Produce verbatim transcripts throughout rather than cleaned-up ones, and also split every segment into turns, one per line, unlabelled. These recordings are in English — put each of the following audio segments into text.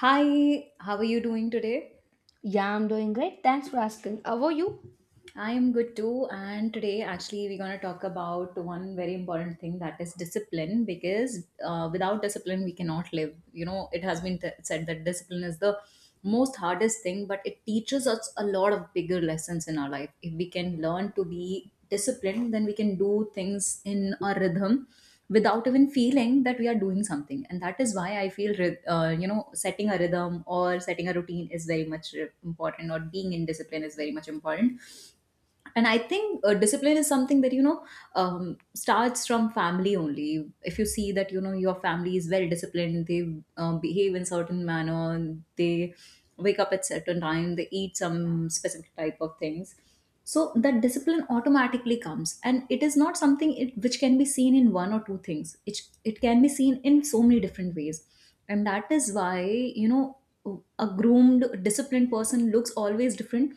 Hi, how are you doing today?
Yeah, I'm doing great. Thanks for asking. How are you?
I am good too. And today, actually, we're going to talk about one very important thing that is discipline because uh, without discipline, we cannot live. You know, it has been t- said that discipline is the most hardest thing, but it teaches us a lot of bigger lessons in our life. If we can learn to be disciplined, then we can do things in a rhythm without even feeling that we are doing something. And that is why I feel, ryth- uh, you know, setting a rhythm or setting a routine is very much uh, important, or being in discipline is very much important. And I think uh, discipline is something that, you know, um, starts from family only. If you see that, you know, your family is well disciplined, they um, behave in certain manner, they wake up at certain time, they eat some specific type of things, so that discipline automatically comes. And it is not something it, which can be seen in one or two things, it, it can be seen in so many different ways. And that is why, you know, a groomed disciplined person looks always different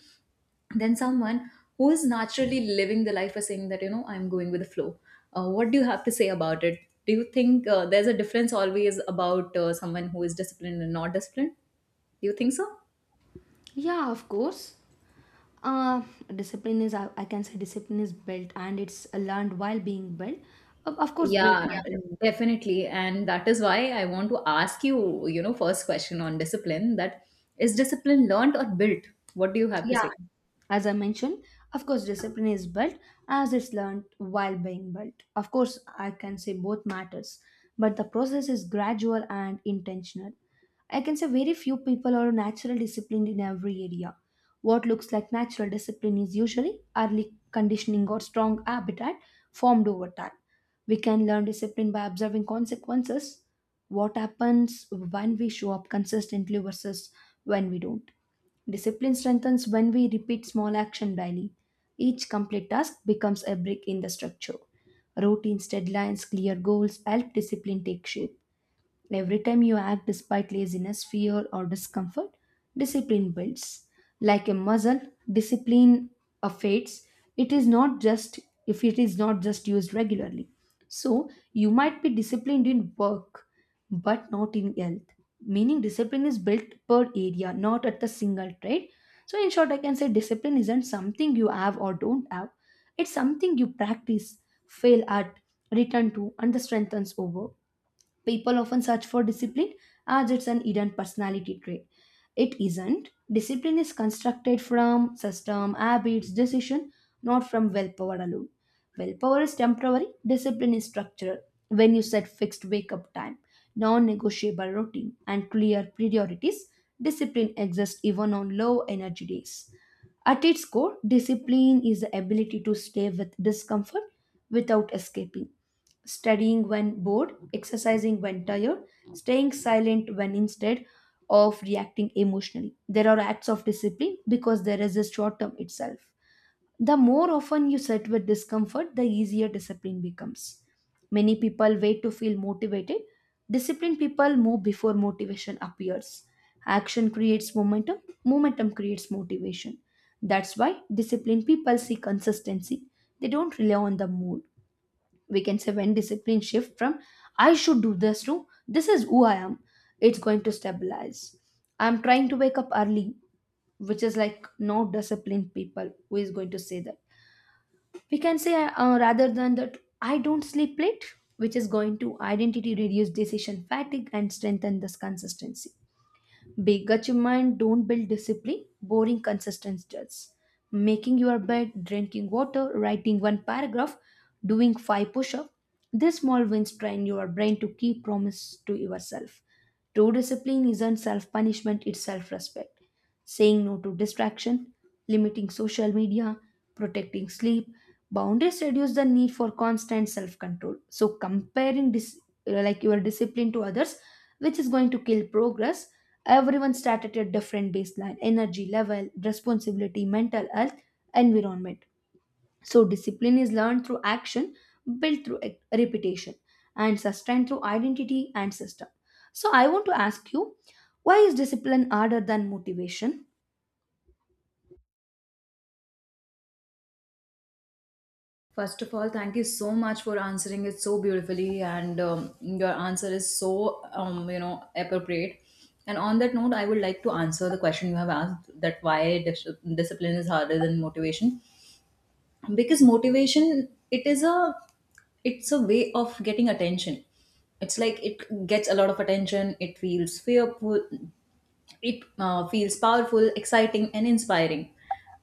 than someone who is naturally living the life, is saying that, you know, I'm going with the flow. uh, what do you have to say about it? Do you think uh, there's a difference always about uh, someone who is disciplined and not disciplined? Do you think so?
Yeah, of course. Uh, Discipline is, I, I can say, discipline is built and it's learned while being built. Of, of course, both, yeah,
Yeah,
matter.
definitely. And that is why I want to ask you, you know, first question on discipline, that is discipline learned or built? What do you have to
Yeah,
say?
as I mentioned, of course, discipline is built as it's learned while being built. Of course, I can say both matters, but the process is gradual and intentional. I can say very few people are naturally disciplined in every area. What looks like natural discipline is usually early conditioning or strong habitat formed over time. We can learn discipline by observing consequences, what happens when we show up consistently versus when we don't. Discipline strengthens when we repeat small action daily. Each complete task becomes a brick in the structure. Routines, deadlines, clear goals help discipline take shape. Every time you act despite laziness, fear, or discomfort, discipline builds. Like a muscle, discipline uh, fades. It is not just If it is not just used regularly. So you might be disciplined in work, but not in health. Meaning discipline is built per area, not at the single trait. So in short, I can say discipline isn't something you have or don't have. It's something you practice, fail at, return to, and the strengthens over. People often search for discipline as it's an hidden personality trait. It isn't. Discipline is constructed from system, habits, decision, not from willpower alone. Willpower is temporary, discipline is structural. When you set fixed wake up time, non negotiable routine, and clear priorities, discipline exists even on low energy days. At its core, discipline is the ability to stay with discomfort without escaping, studying when bored, exercising when tired, staying silent when instead of reacting emotionally. There are acts of discipline because there is a short term itself. The more often you sit with discomfort, the easier discipline becomes. Many people wait to feel motivated. Disciplined people move before motivation appears. Action creates momentum, momentum creates motivation. That's why disciplined people see consistency. They don't rely on the mood. We can say when discipline shift from I should do this to this is who I am, it's going to stabilize. I'm trying to wake up early, which is like no disciplined people who is going to say that. We can say, uh, rather than that, I don't sleep late, which is going to identity reduce decision fatigue and strengthen this consistency. Big achievement don't build discipline, boring consistency does. Making your bed, drinking water, writing one paragraph, doing five push-ups. These small wins train your brain to keep promise to yourself. True discipline isn't self punishment, it's self respect, saying no to distraction, limiting social media, protecting sleep. Boundaries reduce the need for constant self control. So, comparing dis- like your discipline to others, which is going to kill progress, everyone start at a different baseline energy level, responsibility, mental health, environment. So, discipline is learned through action, built through e- repetition, and sustained through identity and system. So, I want to ask you, why is discipline harder than motivation?
First of all, thank you so much for answering it so beautifully, and um, your answer is so um, you know appropriate. And on that note, I would like to answer the question you have asked, that why dis- discipline is harder than motivation, because motivation it is a it's a way of getting attention. It's like it gets a lot of attention. It feels fearful, it uh, feels powerful, exciting, and inspiring.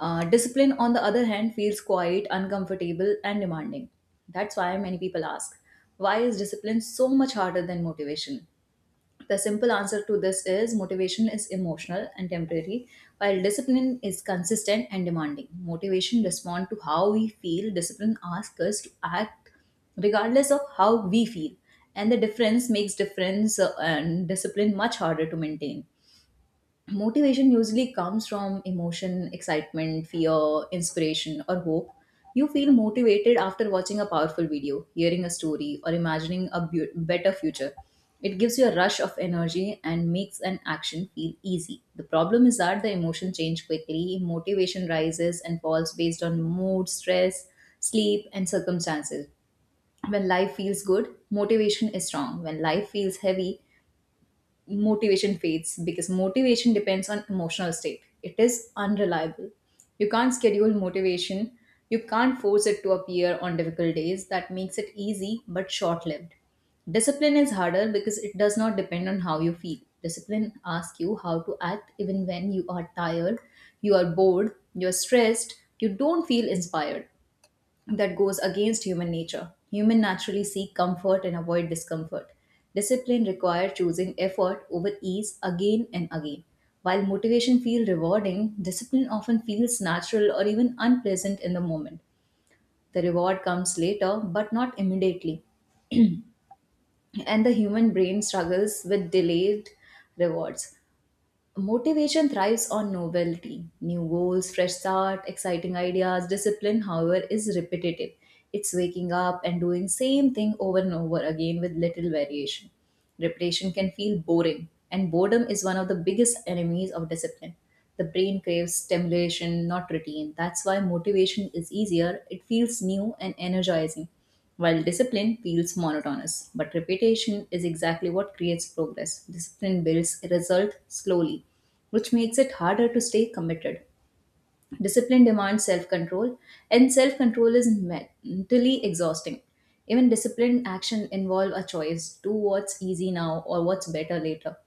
Uh, discipline, on the other hand, feels quiet, uncomfortable, and demanding. That's why many people ask, why is discipline so much harder than motivation? The simple answer to this is motivation is emotional and temporary, while discipline is consistent and demanding. Motivation responds to how we feel, discipline asks us to act regardless of how we feel. And the difference makes difference, uh, and discipline much harder to maintain. Motivation usually comes from emotion, excitement, fear, inspiration, or hope. You feel motivated after watching a powerful video, hearing a story, or imagining a bu- better future. It gives you a rush of energy and makes an action feel easy. The problem is that the emotion change quickly, motivation rises and falls based on mood, stress, sleep, and circumstances. When life feels good, motivation is strong. When life feels heavy, motivation fades. Because motivation depends on emotional state, it is unreliable. You can't schedule motivation, you can't force it to appear on difficult days. That makes it easy but short lived. Discipline is harder because it does not depend on how you feel. Discipline asks you how to act even when you are tired, you are bored, you are stressed, you don't feel inspired. That goes against human nature. Human naturally seek comfort and avoid discomfort. Discipline require choosing effort over ease again and again. While motivation feels rewarding, discipline often feels natural or even unpleasant in the moment. The reward comes later, but not immediately. And the human brain struggles with delayed rewards. Motivation thrives on novelty. New goals, fresh start, exciting ideas. Discipline, however, is repetitive. It's waking up and doing same thing over and over again with little variation. Repetition can feel boring, and boredom is one of the biggest enemies of discipline. The brain craves stimulation, not routine. That's why motivation is easier. It feels new and energizing. While discipline feels monotonous, but repetition is exactly what creates progress. Discipline builds a result slowly, which makes it harder to stay committed. Discipline demands self control, and self control is mentally exhausting. Even disciplined action involve a choice, do what's easy now or what's better later.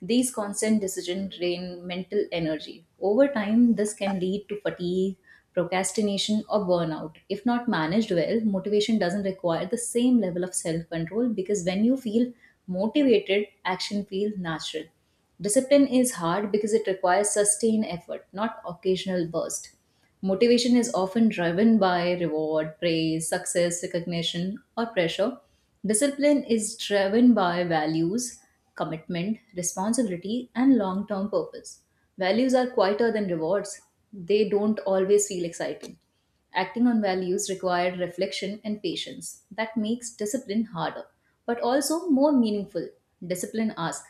These constant decisions drain mental energy. Over time, this can lead to fatigue, procrastination, or burnout. If not managed well, motivation doesn't require the same level of self control, because when you feel motivated, action feels natural. Discipline is hard because it requires sustained effort, not occasional burst. Motivation is often driven by reward, praise, success, recognition, or pressure. Discipline is driven by values, commitment, responsibility, and long term purpose. Values are quieter than rewards, they don't always feel exciting. Acting on values required reflection and patience. That makes discipline harder, but also more meaningful. Discipline asks,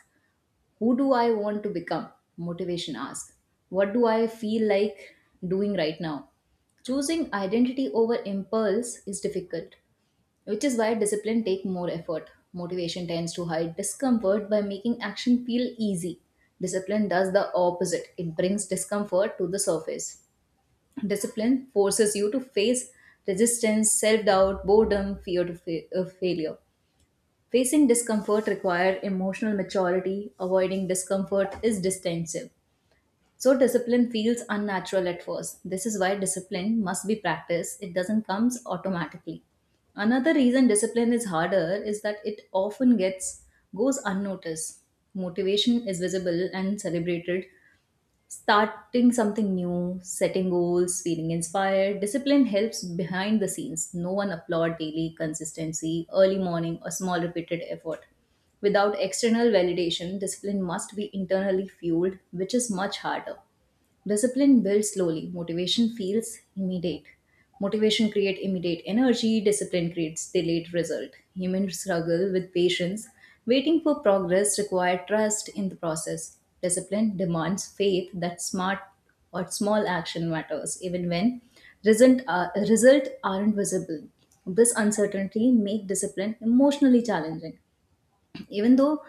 who do I want to become? Motivation asks, what do I feel like doing right now? Choosing identity over impulse is difficult, which is why discipline takes more effort. Motivation tends to hide discomfort by making action feel easy. Discipline does the opposite, it brings discomfort to the surface. Discipline forces you to face resistance, self doubt, boredom, fear to fa- of failure. Facing discomfort requires emotional maturity. Avoiding discomfort is defensive. So discipline feels unnatural at first. This is why discipline must be practiced. It doesn't come automatically. Another reason discipline is harder is that it often gets goes unnoticed. Motivation is visible and celebrated, starting something new, setting goals, feeling inspired. Discipline helps behind the scenes. No one applaud daily consistency, early morning, or small repeated effort. Without external validation, discipline must be internally fueled, which is much harder. Discipline builds slowly, motivation feels immediate. Motivation creates immediate energy, discipline creates delayed result. Humans struggle with patience. Waiting for progress requires trust in the process. Discipline demands faith that smart or small action matters, even when result, are, result aren't visible. This uncertainty makes discipline emotionally challenging. Even though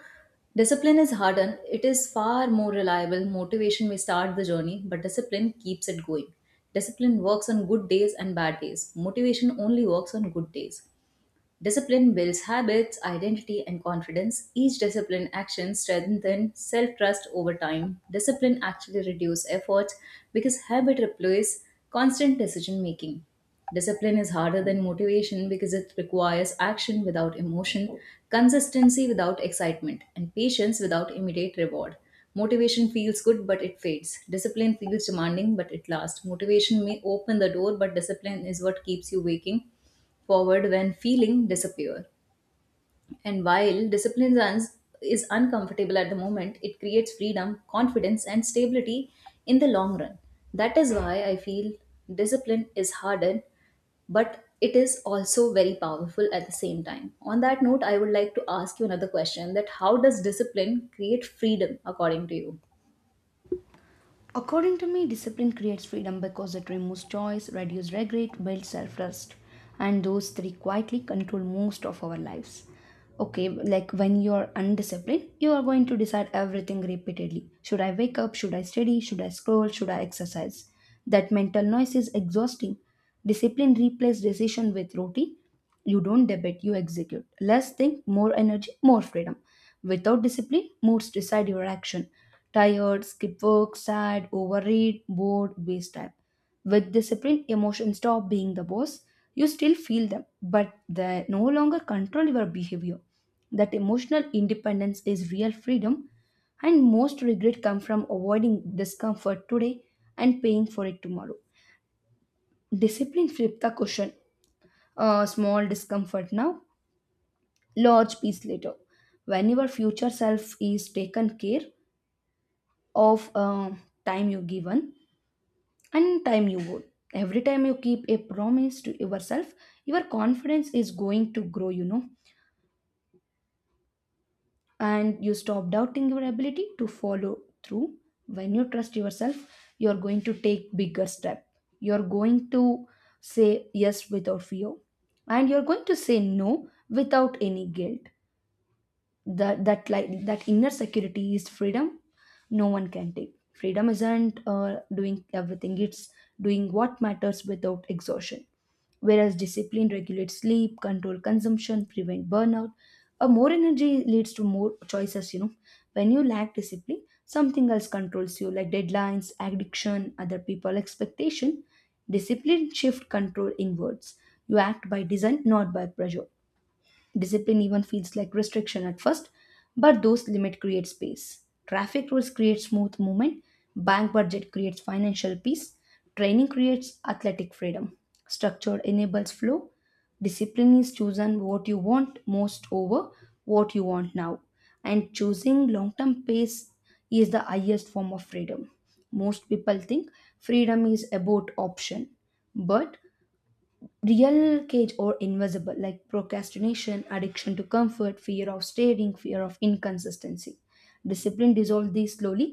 discipline is harder, it is far more reliable. Motivation may start the journey, but discipline keeps it going. Discipline works on good days and bad days. Motivation only works on good days. Discipline builds habits, identity, and confidence. Each discipline action strengthens self trust over time. Discipline actually reduces effort because habit replaces constant decision making. Discipline is harder than motivation because it requires action without emotion, consistency without excitement, and patience without immediate reward. Motivation feels good but it fades. Discipline feels demanding but it lasts. Motivation may open the door, but discipline is what keeps you waking forward when feeling disappear. And while discipline runs is uncomfortable at the moment, it creates freedom, confidence, and stability in the long run. That is why I feel discipline is harder, but it is also very powerful at the same time. On that note, I would like to ask you another question, that how does discipline create freedom according to you?
According to me, discipline creates freedom because it removes choice, reduces regret, builds self trust, and those three quietly control most of our lives. Okay, like when you are undisciplined, you are going to decide everything repeatedly. Should I wake up? Should I study? Should I scroll? Should I exercise? That mental noise is exhausting. Discipline replaces decision with routine. You don't debate, you execute. Less think, more energy, more freedom. Without discipline, moods decide your action. Tired, skip work, sad, overeat, bored, waste time. With discipline, emotions stop being the boss. You still feel them, but they no longer control your behavior. That emotional independence is real freedom, and most regret come from avoiding discomfort today and paying for it tomorrow. Discipline flipped the question. Uh, small discomfort now, large peace later. When your future self is taken care of, uh, time you given and time you go. Every time you keep a promise to yourself, your confidence is going to grow, you know, and you stop doubting your ability to follow through. When you trust yourself, you're going to take bigger step, you're going to say yes without fear, and you're going to say no without any guilt. That that like that inner security is freedom no one can take. Freedom isn't uh, doing everything, it's doing what matters without exhaustion. Whereas discipline regulates sleep, control consumption, prevent burnout. A more energy leads to more choices, you know. When you lack discipline, something else controls you, like deadlines, addiction, other people expectation. Discipline shift control inwards. You act by design, not by pressure. Discipline even feels like restriction at first, but those limits create space. Traffic rules create smooth movement, bank budget creates financial peace, training creates athletic freedom. Structure enables flow. Discipline is chosen what you want most over what you want now. And choosing long term pace is the highest form of freedom. Most people think freedom is about option, but real cage or invisible, like procrastination, addiction to comfort, fear of stating, fear of inconsistency. Discipline dissolve these slowly.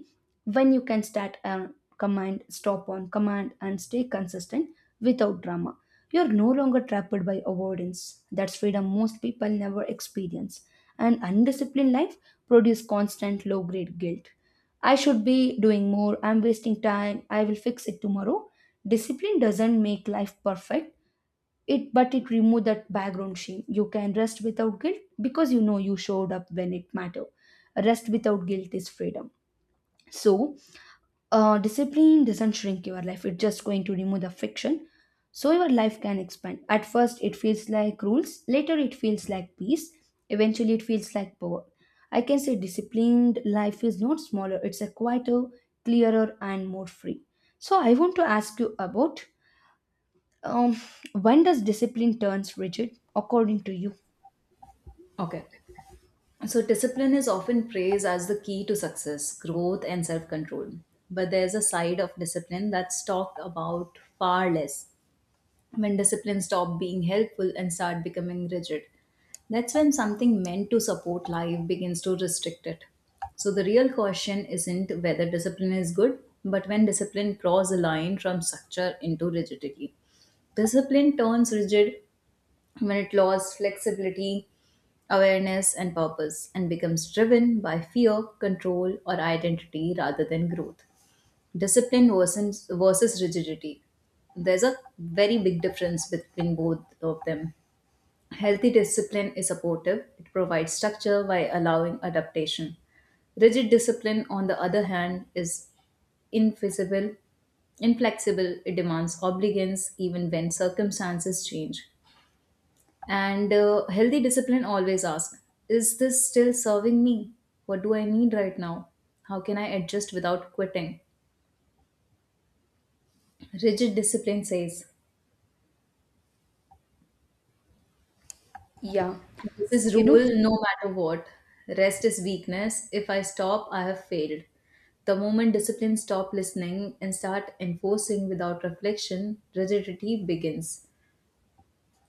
When you can start on command, stop on command, and stay consistent without drama, you're no longer trapped by avoidance. That's freedom most people never experience. An undisciplined life produces constant low grade guilt. I should be doing more, I'm wasting time, I will fix it tomorrow. Discipline doesn't make life perfect, it but it remove that background shame. You can rest without guilt because you know you showed up when it mattered. Rest without guilt is freedom. So, uh, discipline doesn't shrink your life, it's just going to remove the friction, so your life can expand. At first it feels like rules, later it feels like peace, eventually it feels like power. I can say disciplined life is not smaller, it's a quieter, clearer and more free. So I want to ask you about, um, when does discipline turns rigid, according to you?
Okay. So, discipline is often praised as the key to success, growth, and self control. But there's a side of discipline that's talked about far less, when discipline stops being helpful and start becoming rigid. That's when something meant to support life begins to restrict it. So, the real question isn't whether discipline is good, but when discipline crosses a line from structure into rigidity. Discipline turns rigid when it lost flexibility, awareness, and purpose, and becomes driven by fear, control, or identity rather than growth. Discipline versus, versus rigidity. There's a very big difference between both of them. Healthy discipline is supportive, it provides structure while allowing adaptation. Rigid discipline, on the other hand, is inflexible, inflexible, it demands obedience even when circumstances change. And uh, healthy discipline always asks, is this still serving me? What do I need right now? How can I adjust without quitting? Rigid discipline says,
Yeah,
this is
you know,
rule no matter what. Rest is weakness. If I stop, I have failed. The moment discipline stop listening and start enforcing without reflection, rigidity begins.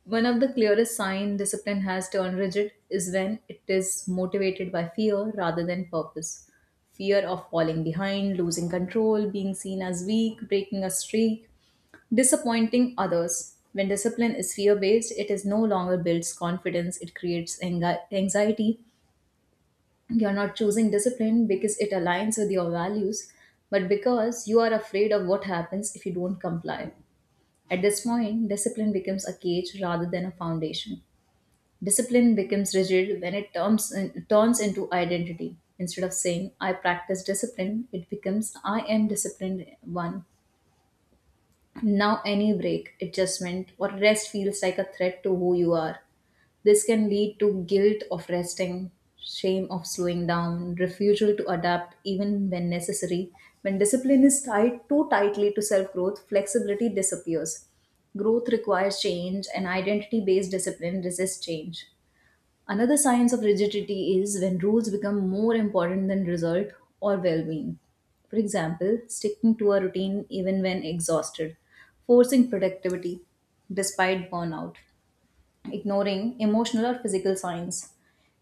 One of the clearest signs discipline has turned rigid is when it is motivated by fear rather than purpose. Fear of falling behind, losing control, being seen as weak, breaking a streak, disappointing others. When discipline is fear based, it is no longer builds confidence, it creates anxi- anxiety. You're not choosing discipline because it aligns with your values, but because you are afraid of what happens if you don't comply. At this point, discipline becomes a cage rather than a foundation. Discipline becomes rigid when it turns, turns into identity. Instead of saying, I practice discipline, it becomes, I am disciplined one. Now, any break, adjustment, or rest feels like a threat to who you are. This can lead to guilt of resting, shame of slowing down, refusal to adapt even when necessary. When discipline is tied too tightly to self growth, flexibility disappears. Growth requires change, and identity based discipline resists change. Another sign of rigidity is when rules become more important than result or well being. For example, sticking to a routine even when exhausted, forcing productivity despite burnout, ignoring emotional or physical signs.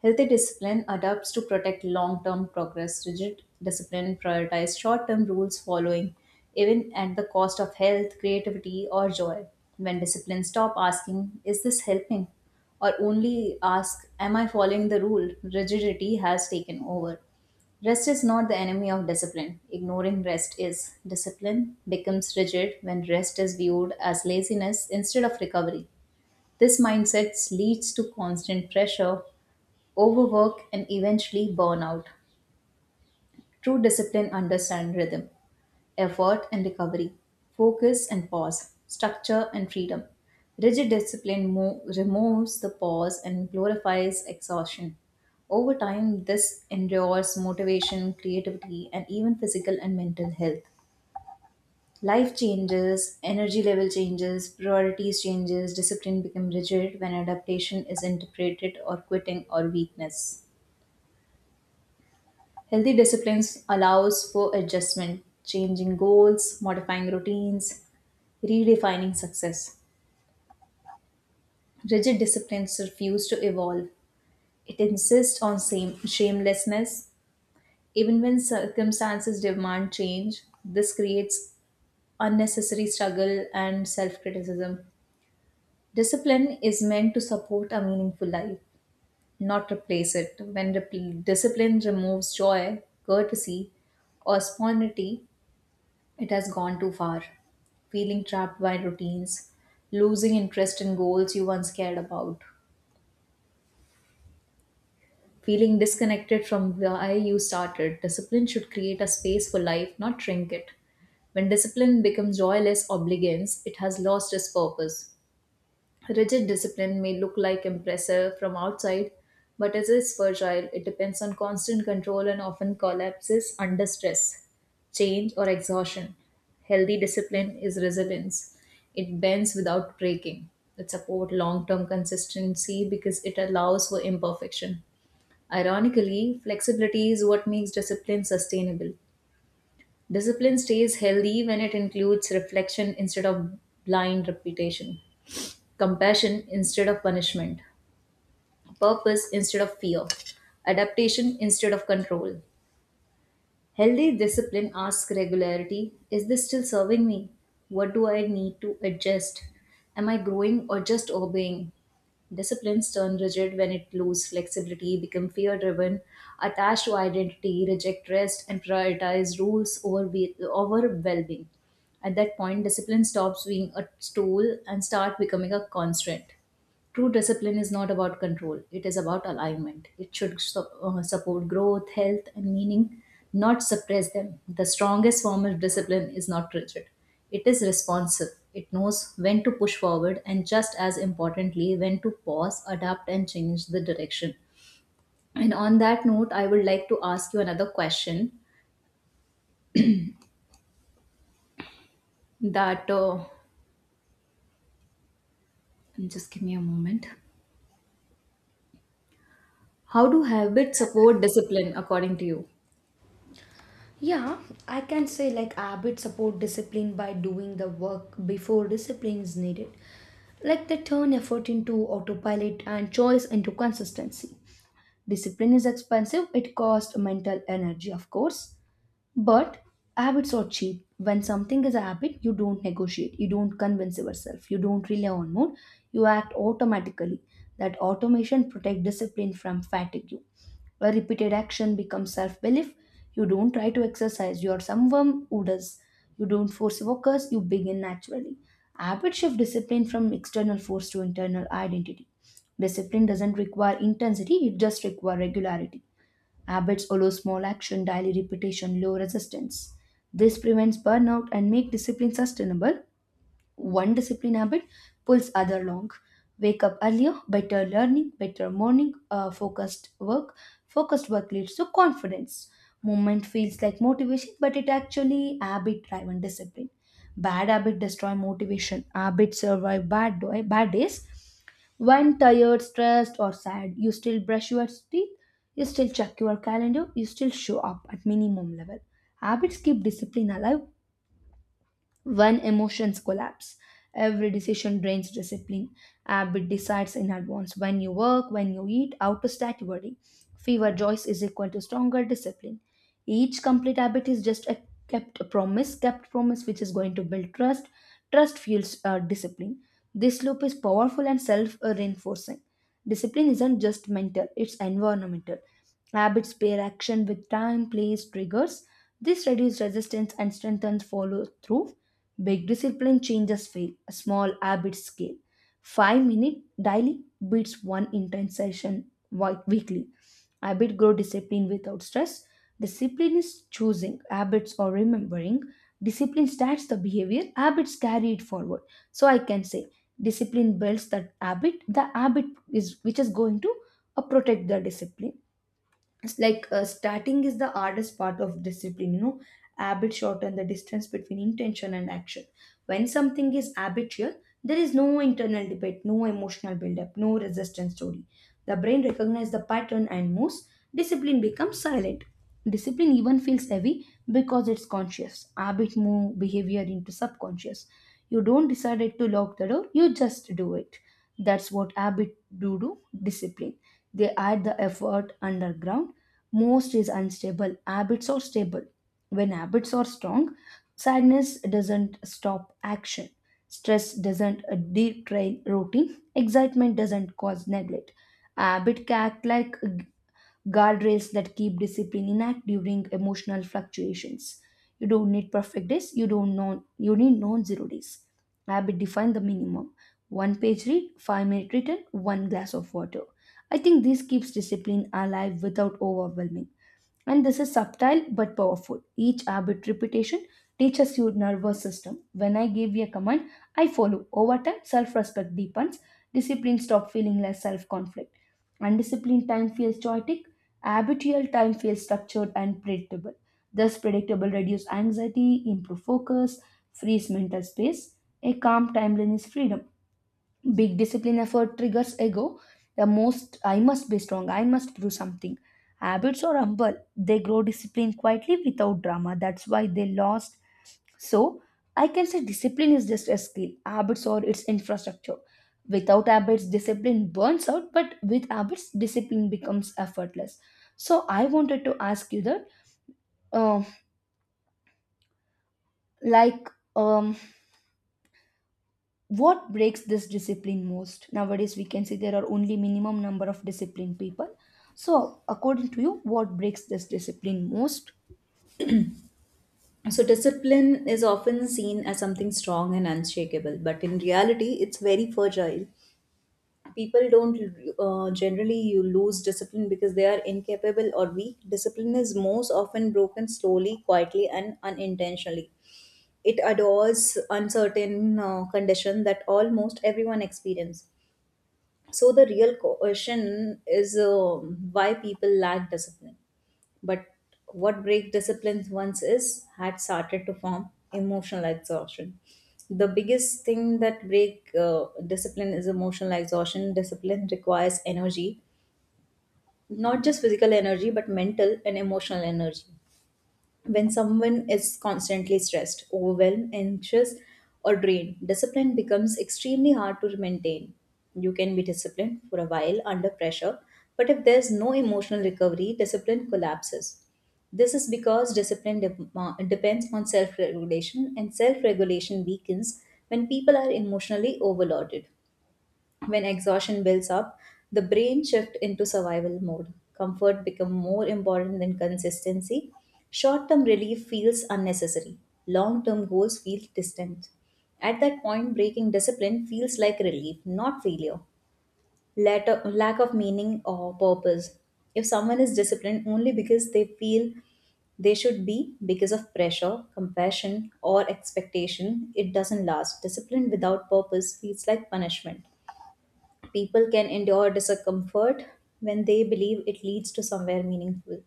Healthy discipline adapts to protect long term progress. Rigid discipline prioritizes short term rules following, even at the cost of health, creativity, or joy. When discipline stop asking, "Is this helping?" or only ask, "Am I following the rule?" rigidity has taken over. Rest is not the enemy of discipline. Ignoring rest is. Discipline becomes rigid when rest is viewed as laziness instead of recovery. This mindset leads to constant pressure, overwork, and eventually burnout. True discipline understands rhythm, effort and recovery, focus and pause, structure and freedom. Rigid discipline mo- removes the pause and glorifies exhaustion. Over time, this endures motivation, creativity, and even physical and mental health. Life changes, energy level changes, priorities changes, discipline becomes rigid when adaptation is interpreted or quitting or weakness. Healthy disciplines allows for adjustment, changing goals, modifying routines, redefining success. Rigid disciplines refuse to evolve. It insists on same shamelessness even when circumstances demand change. This creates unnecessary struggle and self-criticism. Discipline is meant to support a meaningful life, not replace it. When repl- discipline removes joy, courtesy, or spontaneity, it has gone too far. Feeling trapped by routines, losing interest in goals you once cared about, feeling disconnected from why you started. Discipline should create a space for life, not shrink it. When discipline becomes joyless obedience, it has lost its purpose. Rigid discipline may look like impressive from outside, but it is fragile. It depends on constant control and often collapses under stress, change, or exhaustion. Healthy discipline is resilience. It bends without breaking. It supports long term consistency because it allows for imperfection. Ironically, flexibility is what makes discipline sustainable. Discipline stays healthy when it includes reflection instead of blind repetition, compassion instead of punishment, purpose instead of fear, adaptation instead of control. Healthy discipline asks regularity, "Is this still serving me? What do I need to adjust? Am I growing or just obeying?" Disciplines turn rigid when it loses flexibility, become fear driven, attached to identity, reject rest, and prioritize rules over, be- over well being. At that point, discipline stops being a tool and start becoming a constraint. True discipline is not about control, it is about alignment. It should su- uh, support growth, health, and meaning, not suppress them. The strongest form of discipline is not rigid, it is responsive. It knows when to push forward, and just as importantly, when to pause, adapt, and change the direction. And on that note, I would like to ask you another question that uh, just give me a moment. How do habits support discipline according to you?
yeah, I can say like habits support discipline by doing the work before discipline is needed. Like they turn effort into autopilot and choice into consistency. Discipline is expensive, it costs mental energy, of course. But habits are cheap. When something is a habit, you don't negotiate, you don't convince yourself, you don't rely on mood, you act automatically. That automation protect discipline from fatigue. A repeated action becomes self belief. You don't try to exercise, you are someone who does. You don't force focus, you begin naturally. Habit shift discipline from external force to internal identity. Discipline doesn't require intensity, it just requires regularity. Habits allow small action, daily repetition, low resistance. This prevents burnout and make discipline sustainable. One discipline habit pulls other along. Wake up earlier, better learning, better morning, uh, focused work. Focused work leads to confidence. Movement feels like motivation, but it actually habit driven discipline. Bad habit destroy motivation. Habits survive bad, do- bad days. When tired, stressed, or sad, you still brush your teeth, you still check your calendar, you still show up at minimum level. Habits keep discipline alive when emotions collapse. Every decision drains discipline. Habit decides in advance when you work, when you eat, out of stat worry. Fewer joys is equal to stronger discipline. Each complete habit is just a kept promise, kept promise which is going to build trust. Trust fuels uh, discipline. This loop is powerful and self reinforcing. Discipline isn't just mental, it's environmental. Habits pair action with time, place, triggers. This reduces resistance and strengthens follow through. Big discipline changes fail, a small habit scale. Five minute daily beats one intense session wi- weekly. Habit grow discipline without stress. Discipline is choosing, habits or remembering. Discipline starts the behavior, habits carry it forward. So I can say discipline builds that habit. The habit is which is going to uh, protect the discipline. It's like uh, starting is the hardest part of discipline, you know. Habit shorten the distance between intention and action. When something is habitual, there is no internal debate, no emotional buildup, no resistance story. The brain recognizes the pattern and moves. Discipline becomes silent. Discipline even feels heavy because it's conscious. Habit move behavior into subconscious. You don't decide to lock the door, you just do it. That's what habit do to discipline. They add the effort underground. Most is unstable, habits are stable. When habits are strong, sadness doesn't stop action, stress doesn't uh, detrain routine, excitement doesn't cause neglect. Habit can act like guardrails that keep discipline intact during emotional fluctuations. You don't need perfect days, you don't know you need non-zero days. Habit define the minimum, one page read, five minute written, one glass of water. I think this keeps discipline alive without overwhelming. And this is subtle but powerful. Each habit repetition teaches your nervous system. When I give a command, I follow. Over time, self respect deepens. Discipline stop feeling like self conflict. Undisciplined time feels chaotic. Habitual time feels structured and predictable. Thus, predictable reduces anxiety, improve focus, frees mental space. A calm timeline is freedom. Big discipline effort triggers ego, the most I must be strong, I must do something. Habits are humble, they grow discipline quietly without drama. That's why they lost. So I can say discipline is just a skill, habits are its infrastructure. Without habits discipline burns out, but with habits discipline becomes effortless. So I wanted to ask you that, um like um what breaks this discipline most? Nowadays we can see there are only minimum number of disciplined people, so according to you, what breaks this discipline most?
So, discipline is often seen as something strong and unshakable, but in reality, it's very fragile. People don't uh, generally you lose discipline because they are incapable or weak. Discipline is most often broken slowly, quietly, and unintentionally. It adores uncertain uh, condition that almost everyone experience. So the real question is uh, why people lack discipline, but what break disciplines once is had started to form emotional exhaustion. The biggest thing that break uh, discipline is emotional exhaustion. Discipline requires energy, not just physical energy, but mental and emotional energy. When someone is constantly stressed, overwhelmed, anxious, or drained, discipline becomes extremely hard to maintain. You can be disciplined for a while under pressure, but if there's no emotional recovery, discipline collapses. This is because discipline de- depends on self regulation, and self regulation weakens when people are emotionally overloaded. When exhaustion builds up, the brain shifts into survival mode. Comfort becomes more important than consistency. Short term relief feels unnecessary. Long term goals feel distant. At that point, breaking discipline feels like relief, not failure. Latter, lack of meaning or purpose. If someone is disciplined only because they feel they should be because of pressure, compassion, or expectation, it doesn't last. Discipline without purpose feels like punishment. People can endure discomfort when they believe it leads to somewhere meaningful.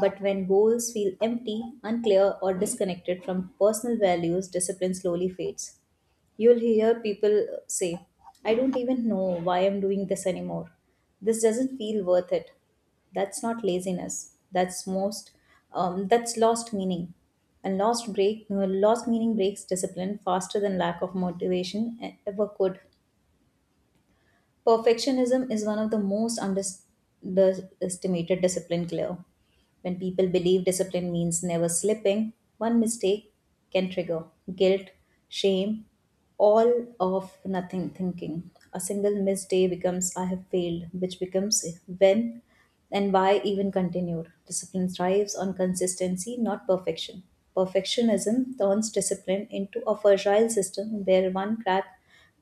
But when goals feel empty, unclear, or disconnected from personal values, discipline slowly fades. You'll hear people say, "I don't even know why I'm doing this anymore. This doesn't feel worth it." That's not laziness. That's most, um, that's lost meaning. And lost break, uh, lost meaning breaks discipline faster than lack of motivation e-, ever could. Perfectionism is one of the most underestimated discipline clear. When people believe discipline means never slipping, one mistake can trigger guilt, shame, all of nothing thinking. A single missed day becomes "I have failed," which becomes when and why even continued. Discipline thrives on consistency, not perfection. Perfectionism turns discipline into a fragile system where one crack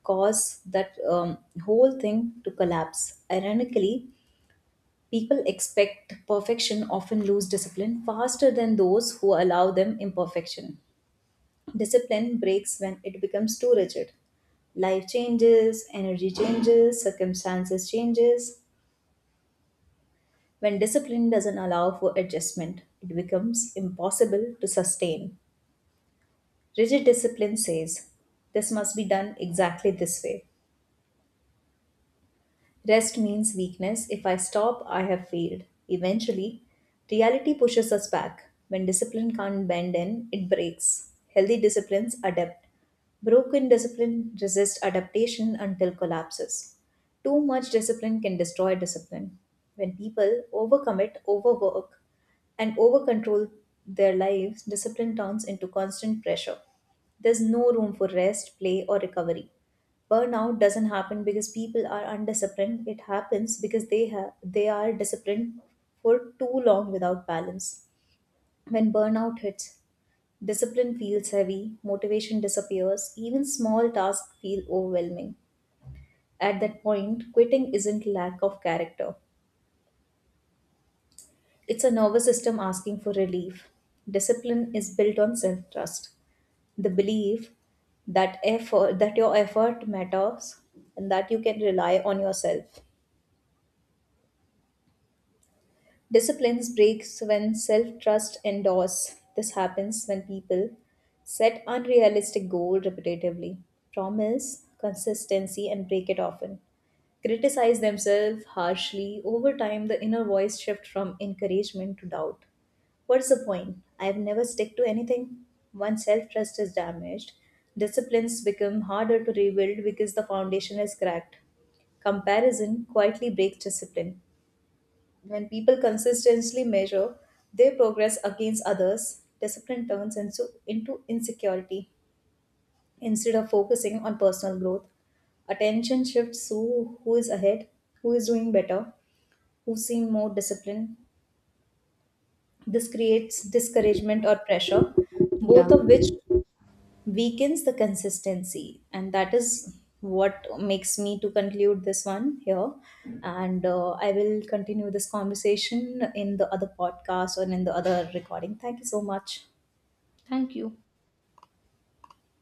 causes that um, whole thing to collapse. Ironically, people expect perfection often lose discipline faster than those who allow them imperfection. Discipline breaks when it becomes too rigid. Life changes, energy changes, circumstances changes. When discipline doesn't allow for adjustment, it becomes impossible to sustain. Rigid discipline says this must be done exactly this way. Rest means weakness. If I stop, I have failed. Eventually, reality pushes us back. When discipline can't bend in, it breaks. Healthy disciplines adapt. Broken discipline resists adaptation until collapses. Too much discipline can destroy discipline. When people overcommit, overwork, and overcontrol their lives, discipline turns into constant pressure. There's no room for rest, play, or recovery. Burnout doesn't happen because people are undisciplined, it happens because they have they are disciplined for too long without balance. When burnout hits, discipline feels heavy, motivation disappears, even small tasks feel overwhelming. At that point, quitting isn't lack of character, it's a nervous system asking for relief. Discipline is built on self trust, the belief that effort that your effort matters and that you can rely on yourself. Disciplines breaks when self-trust endures. This happens when people set unrealistic goal repetitively, promise consistency and break it often, criticize themselves harshly. Over time, the inner voice shift from encouragement to doubt. "What's the point? I've never stick to anything." Once self-trust is damaged, disciplines become harder to rebuild because the foundation is cracked. Comparison quietly breaks discipline. When people consistently measure their progress against others, discipline turns into, into insecurity. Instead of focusing on personal growth, attention shifts to who is ahead, who is doing better, who seem more disciplined. This creates discouragement or pressure,
Yeah,
both of which weakens the consistency, and that is what makes me to conclude this one here, and uh, I will continue this conversation in the other podcast or in the other recording. Thank you so much.
thank you.